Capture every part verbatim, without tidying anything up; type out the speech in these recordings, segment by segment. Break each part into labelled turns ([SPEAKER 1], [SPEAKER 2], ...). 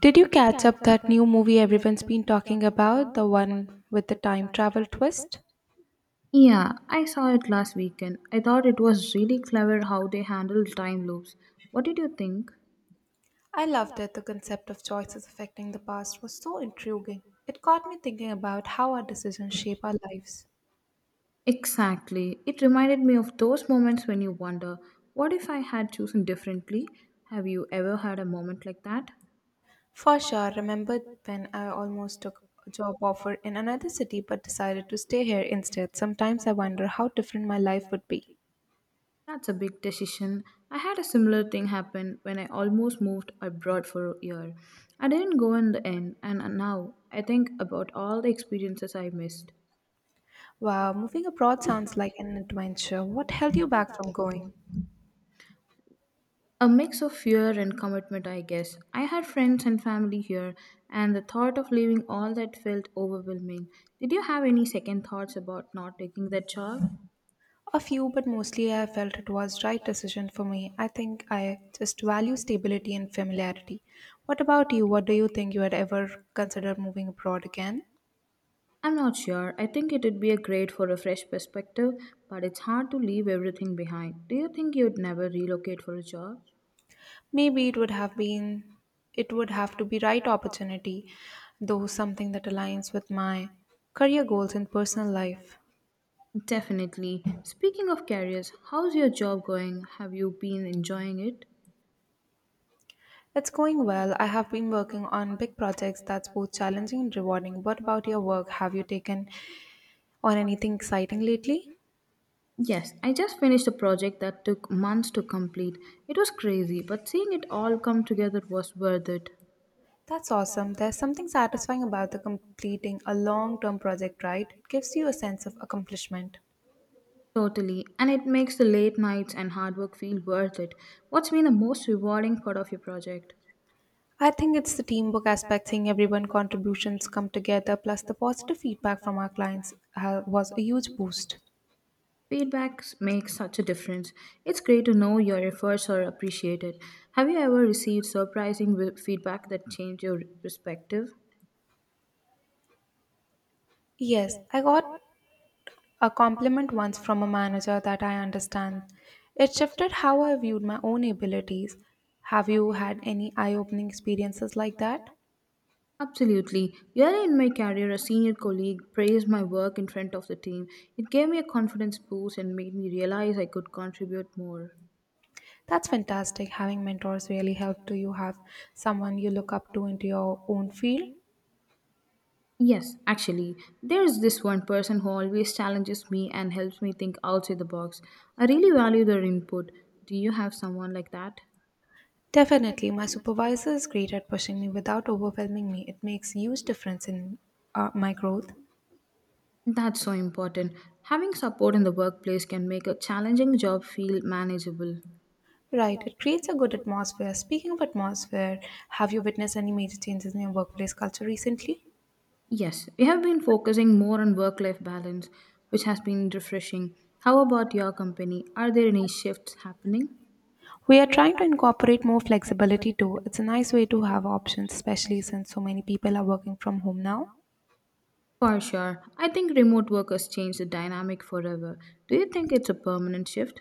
[SPEAKER 1] Did you catch up that new movie everyone's been talking about, the one with the time travel twist?
[SPEAKER 2] Yeah, I saw it last weekend. I thought it was really clever how they handled time loops. What did you think?
[SPEAKER 1] I loved it. The concept of choices affecting the past was so intriguing. It got me thinking about how our decisions shape our lives.
[SPEAKER 2] Exactly. It reminded me of those moments when you wonder, what if I had chosen differently? Have you ever had a moment like that?
[SPEAKER 1] For sure, remember when I almost took a job offer in another city but decided to stay here instead? Sometimes I wonder how different my life would be.
[SPEAKER 2] That's a big decision. I had a similar thing happen when I almost moved abroad for a year. I didn't go in the end, and now I think about all the experiences I missed.
[SPEAKER 1] Wow, moving abroad sounds like an adventure. What held you back from going?
[SPEAKER 2] A mix of fear and commitment, I guess. I had friends and family here, and the thought of leaving all that felt overwhelming. Did you have any second thoughts about not taking that job?
[SPEAKER 1] A few, but mostly I felt it was right decision for me. I think I just value stability and familiarity. What about you? What do you think you had ever considered moving abroad again?
[SPEAKER 2] I'm not sure. I think it would be a great for a fresh perspective, but it's hard to leave everything behind. Do you think you'd never relocate for a job?
[SPEAKER 1] Maybe it would have been it would have to be right opportunity, though something that aligns with my career goals and personal life.
[SPEAKER 2] Definitely. Speaking of careers, how's your job going? Have you been enjoying it?
[SPEAKER 1] It's going well. I have been working on big projects that's both challenging and rewarding. What about your work? Have you taken on anything exciting lately?
[SPEAKER 2] Yes, I just finished a project that took months to complete. It was crazy, but seeing it all come together was worth it.
[SPEAKER 1] That's awesome. There's something satisfying about the completing a long-term project, right? It gives you a sense of accomplishment.
[SPEAKER 2] Totally, and it makes the late nights and hard work feel worth it. What's been the most rewarding part of your project?
[SPEAKER 1] I think it's the teamwork aspect, seeing everyone contributions come together, plus the positive feedback from our clients uh, was a huge boost.
[SPEAKER 2] Feedback makes such a difference. It's great to know your efforts are appreciated. Have you ever received surprising wi- feedback that changed your perspective?
[SPEAKER 1] Yes, I got a compliment once from a manager that I understand. It shifted how I viewed my own abilities. Have you had any eye-opening experiences like that?
[SPEAKER 2] Absolutely. Early in my career, a senior colleague praised my work in front of the team. It gave me a confidence boost and made me realize I could contribute more.
[SPEAKER 1] That's fantastic. Having mentors really help. Do you have someone you look up to into your own field?
[SPEAKER 2] Yes, actually, there's this one person who always challenges me and helps me think outside the box. I really value their input. Do you have someone like that?
[SPEAKER 1] Definitely. My supervisor is great at pushing me without overwhelming me. It makes huge difference in uh, my growth.
[SPEAKER 2] That's so important. Having support in the workplace can make a challenging job feel manageable.
[SPEAKER 1] Right. It creates a good atmosphere. Speaking of atmosphere, have you witnessed any major changes in your workplace culture recently?
[SPEAKER 2] Yes, we have been focusing more on work life balance, which has been refreshing. How about your company? Are there any shifts happening?
[SPEAKER 1] We are trying to incorporate more flexibility too. It's a nice way to have options, especially since so many people are working from home now.
[SPEAKER 2] For sure. I think remote work has changed the dynamic forever. Do you think it's a permanent shift?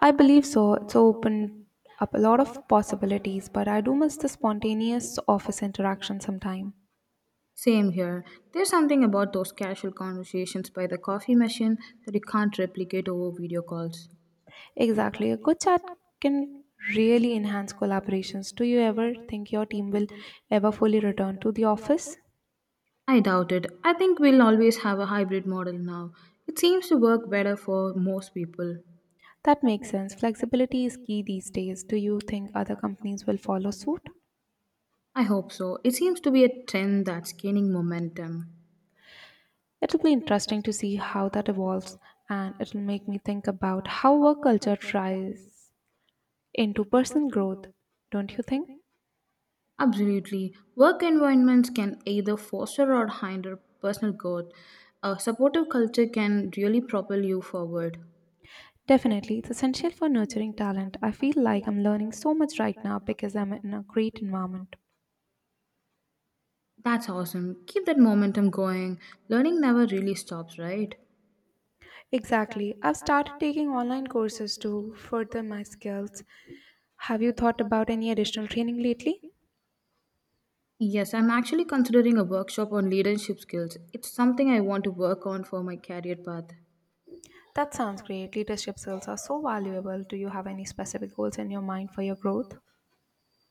[SPEAKER 1] I believe so. It's opened up a lot of possibilities, but I do miss the spontaneous office interaction sometime.
[SPEAKER 2] Same here. There's something about those casual conversations by the coffee machine that you can't replicate over video calls.
[SPEAKER 1] Exactly. A good chat can really enhance collaborations. Do you ever think your team will ever fully return to the office?
[SPEAKER 2] I doubt it. I think we'll always have a hybrid model now. It seems to work better for most people.
[SPEAKER 1] That makes sense. Flexibility is key these days. Do you think other companies will follow suit?
[SPEAKER 2] I hope so. It seems to be a trend that's gaining momentum.
[SPEAKER 1] It'll be interesting to see how that evolves, and it'll make me think about how work culture tries into personal growth, don't you think?
[SPEAKER 2] Absolutely. Work environments can either foster or hinder personal growth. A supportive culture can really propel you forward.
[SPEAKER 1] Definitely, it's essential for nurturing talent. I feel like I'm learning so much right now because I'm in a great environment.
[SPEAKER 2] That's awesome. Keep that momentum going. Learning never really stops, right?
[SPEAKER 1] Exactly. I've started taking online courses to further my skills. Have you thought about any additional training lately?
[SPEAKER 2] Yes, I'm actually considering a workshop on leadership skills. It's something I want to work on for my career path.
[SPEAKER 1] That sounds great. Leadership skills are so valuable. Do you have any specific goals in your mind for your growth?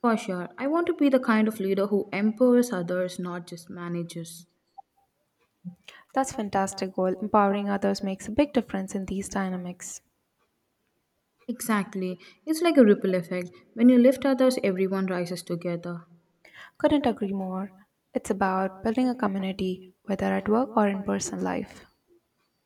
[SPEAKER 2] For sure, I want to be the kind of leader who empowers others, not just managers.
[SPEAKER 1] That's fantastic goal. Empowering others makes a big difference in these dynamics.
[SPEAKER 2] Exactly. It's like a ripple effect. When you lift others, everyone rises together.
[SPEAKER 1] Couldn't agree more. It's about building a community, whether at work or in personal life.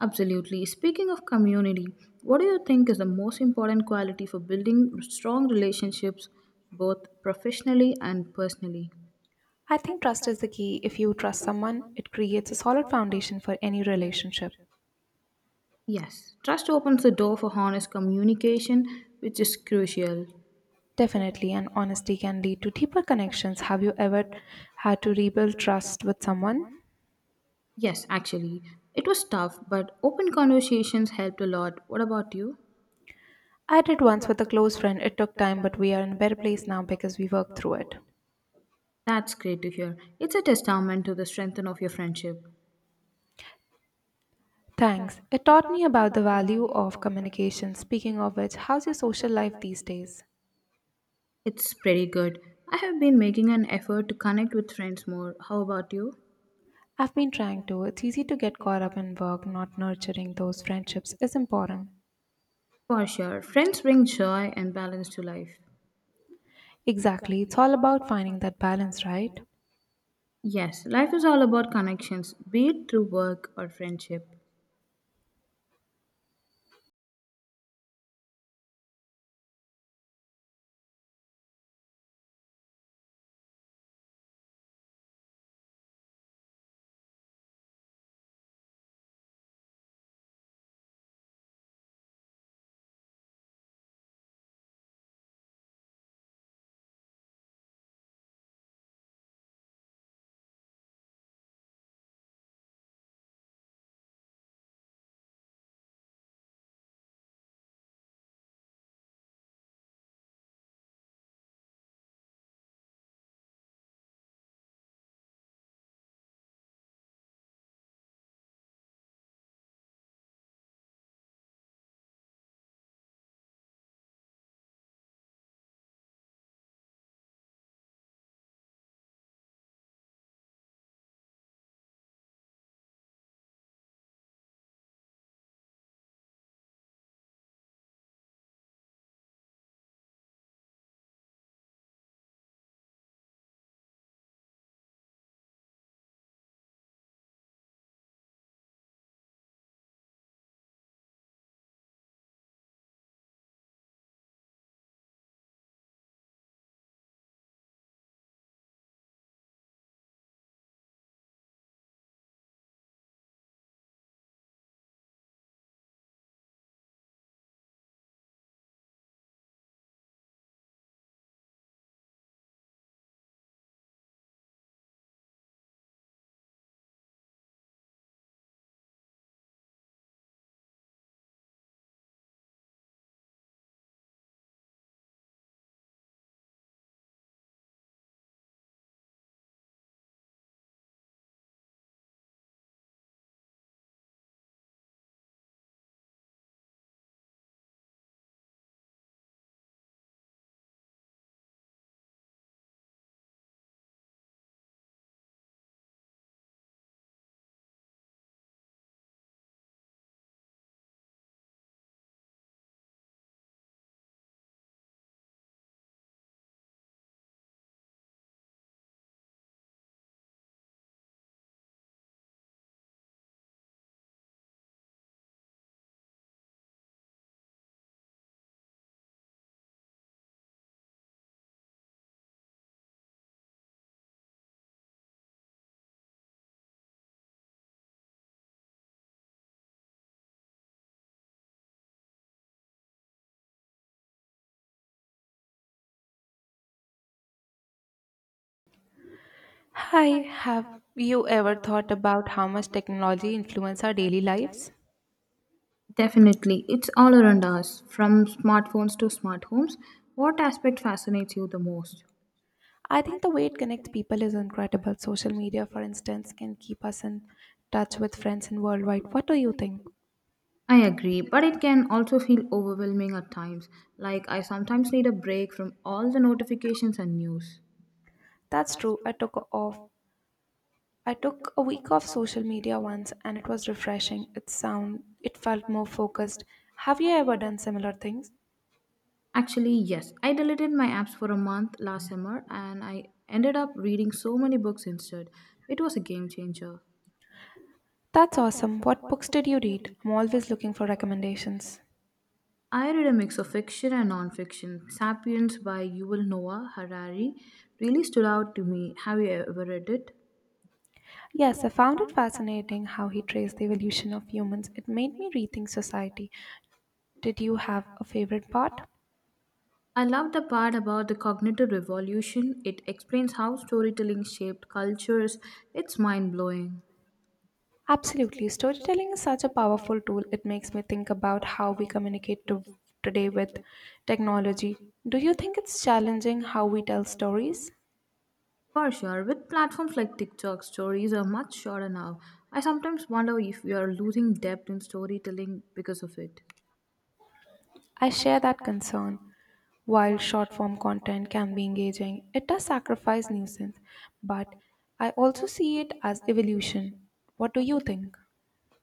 [SPEAKER 2] Absolutely. Speaking of community, what do you think is the most important quality for building strong relationships, both professionally and personally?
[SPEAKER 1] I think trust is the key. If you trust someone, it creates a solid foundation for any relationship.
[SPEAKER 2] Yes, trust opens the door for honest communication, which is crucial.
[SPEAKER 1] Definitely, and honesty can lead to deeper connections. Have you ever had to rebuild trust with someone?
[SPEAKER 2] Yes, actually, it was tough, but open conversations helped a lot. What about you?
[SPEAKER 1] I did once with a close friend. It took time, but we are in a better place now because we worked through it.
[SPEAKER 2] That's great to hear. It's a testament to the strength of your friendship.
[SPEAKER 1] Thanks. It taught me about the value of communication. Speaking of which, how's your social life these days?
[SPEAKER 2] It's pretty good. I have been making an effort to connect with friends more. How about you?
[SPEAKER 1] I've been trying to. It's easy to get caught up in work, not nurturing those friendships is important.
[SPEAKER 2] For sure. Friends bring joy and balance to life.
[SPEAKER 1] Exactly. It's all about finding that balance, right?
[SPEAKER 2] Yes, life is all about connections, be it through work or friendship.
[SPEAKER 1] Hi, have you ever thought about how much technology influences our daily lives?
[SPEAKER 2] Definitely. It's all around us, from smartphones to smart homes. What aspect fascinates you the most?
[SPEAKER 1] I think the way it connects people is incredible. Social media, for instance, can keep us in touch with friends in worldwide. What do you think?
[SPEAKER 2] I agree, but it can also feel overwhelming at times. Like, I sometimes need a break from all the notifications and news.
[SPEAKER 1] That's true. I took off I took a week off social media once and it was refreshing. It sound it felt more focused. Have you ever done similar things?
[SPEAKER 2] Actually, yes. I deleted my apps for a month last summer and I ended up reading so many books instead. It was a game changer.
[SPEAKER 1] That's awesome. What books did you read? I'm always looking for recommendations.
[SPEAKER 2] I read a mix of fiction and non-fiction. Sapiens by Yuval Noah Harari really stood out to me. Have you ever read it?
[SPEAKER 1] Yes, I found it fascinating how he traced the evolution of humans. It made me rethink society. Did you have a favorite part?
[SPEAKER 2] I love the part about the cognitive revolution. It explains how storytelling shaped cultures. It's mind-blowing.
[SPEAKER 1] Absolutely. Storytelling is such a powerful tool. It makes me think about how we communicate to, today with technology. Do you think it's challenging how we tell stories?
[SPEAKER 2] For sure, with platforms like TikTok, stories are much shorter now. I sometimes wonder if we are losing depth in storytelling because of it.
[SPEAKER 1] I share that concern. While short form content can be engaging, it does sacrifice nuisance, but I also see it as evolution. What do you think?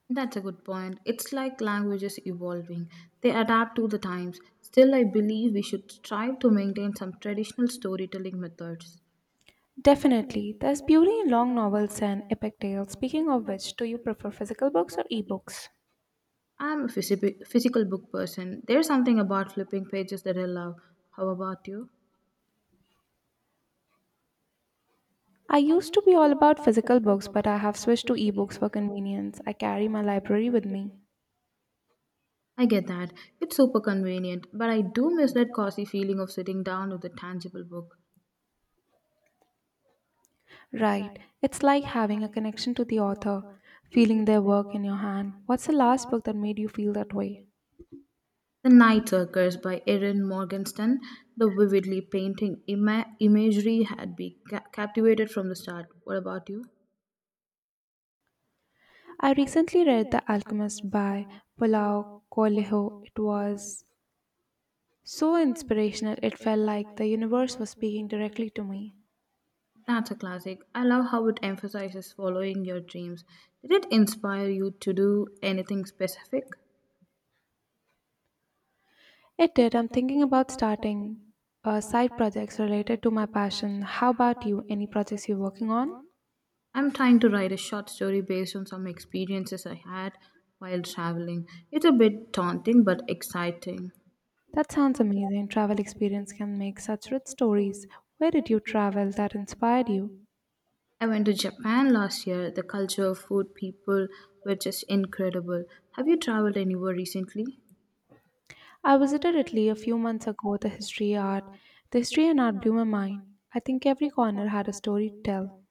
[SPEAKER 2] That's a good point. It's like languages evolving, they adapt to the times. Still, I believe we should strive to maintain some traditional storytelling methods.
[SPEAKER 1] Definitely. There's beauty in long novels and epic tales. Speaking of which, do you prefer physical books or ebooks?
[SPEAKER 2] I'm a physi- physical book person. There's something about flipping pages that I love. How about you?
[SPEAKER 1] I used to be all about physical books, but I have switched to ebooks for convenience. I carry my library with me.
[SPEAKER 2] I get that. It's super convenient, but I do miss that cozy feeling of sitting down with a tangible book.
[SPEAKER 1] Right. It's like having a connection to the author, feeling their work in your hand. What's the last book that made you feel that way?
[SPEAKER 2] The Night Circus by Erin Morgenstern, the vividly painting ima- imagery had me ca- captivated from the start. What about you?
[SPEAKER 1] I recently read The Alchemist by Paulo Coelho. It was so inspirational. It felt like the universe was speaking directly to me.
[SPEAKER 2] That's a classic. I love how it emphasizes following your dreams. Did it inspire you to do anything specific?
[SPEAKER 1] It did. I'm thinking about starting uh, side projects related to my passion. How about you? Any projects you're working on?
[SPEAKER 2] I'm trying to write a short story based on some experiences I had while traveling. It's a bit daunting but exciting.
[SPEAKER 1] That sounds amazing. Travel experience can make such rich stories. Where did you travel that inspired you?
[SPEAKER 2] I went to Japan last year. The culture, food, people were just incredible. Have you traveled anywhere recently?
[SPEAKER 1] I visited Italy a few months ago. The history, art, the history and art blew my mind. I think every corner had a story to tell.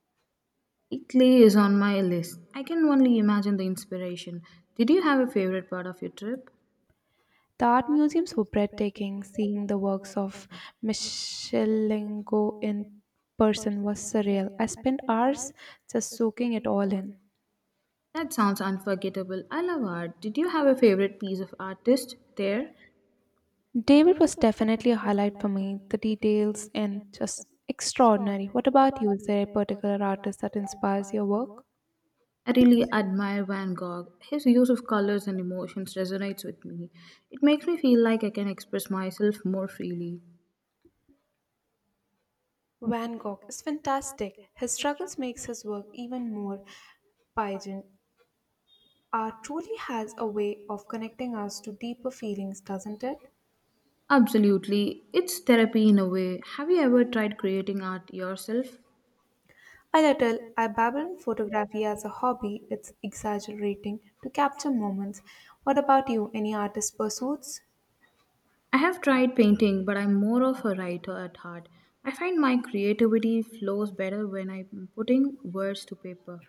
[SPEAKER 2] Italy is on my list. I can only imagine the inspiration. Did you have a favorite part of your trip?
[SPEAKER 1] The art museums were breathtaking. Seeing the works of Michelengo in person was surreal. I spent hours just soaking it all in.
[SPEAKER 2] That sounds unforgettable. I love art. Did you have a favorite piece of artist there?
[SPEAKER 1] David was definitely a highlight for me. The details and just extraordinary. What about you? Is there a particular artist that inspires your work?
[SPEAKER 2] I really admire Van Gogh. His use of colors and emotions resonates with me. It makes me feel like I can express myself more freely.
[SPEAKER 1] Van Gogh is fantastic. His struggles makes his work even more pungent. Art truly has a way of connecting us to deeper feelings, doesn't it?
[SPEAKER 2] Absolutely. It's therapy in a way. Have you ever tried creating art yourself?
[SPEAKER 1] A little, I dabble in photography as a hobby. It's exaggerating to capture moments. What about you? Any artist pursuits?
[SPEAKER 2] I have tried painting, but I'm more of a writer at heart. I find my creativity flows better when I'm putting words to paper.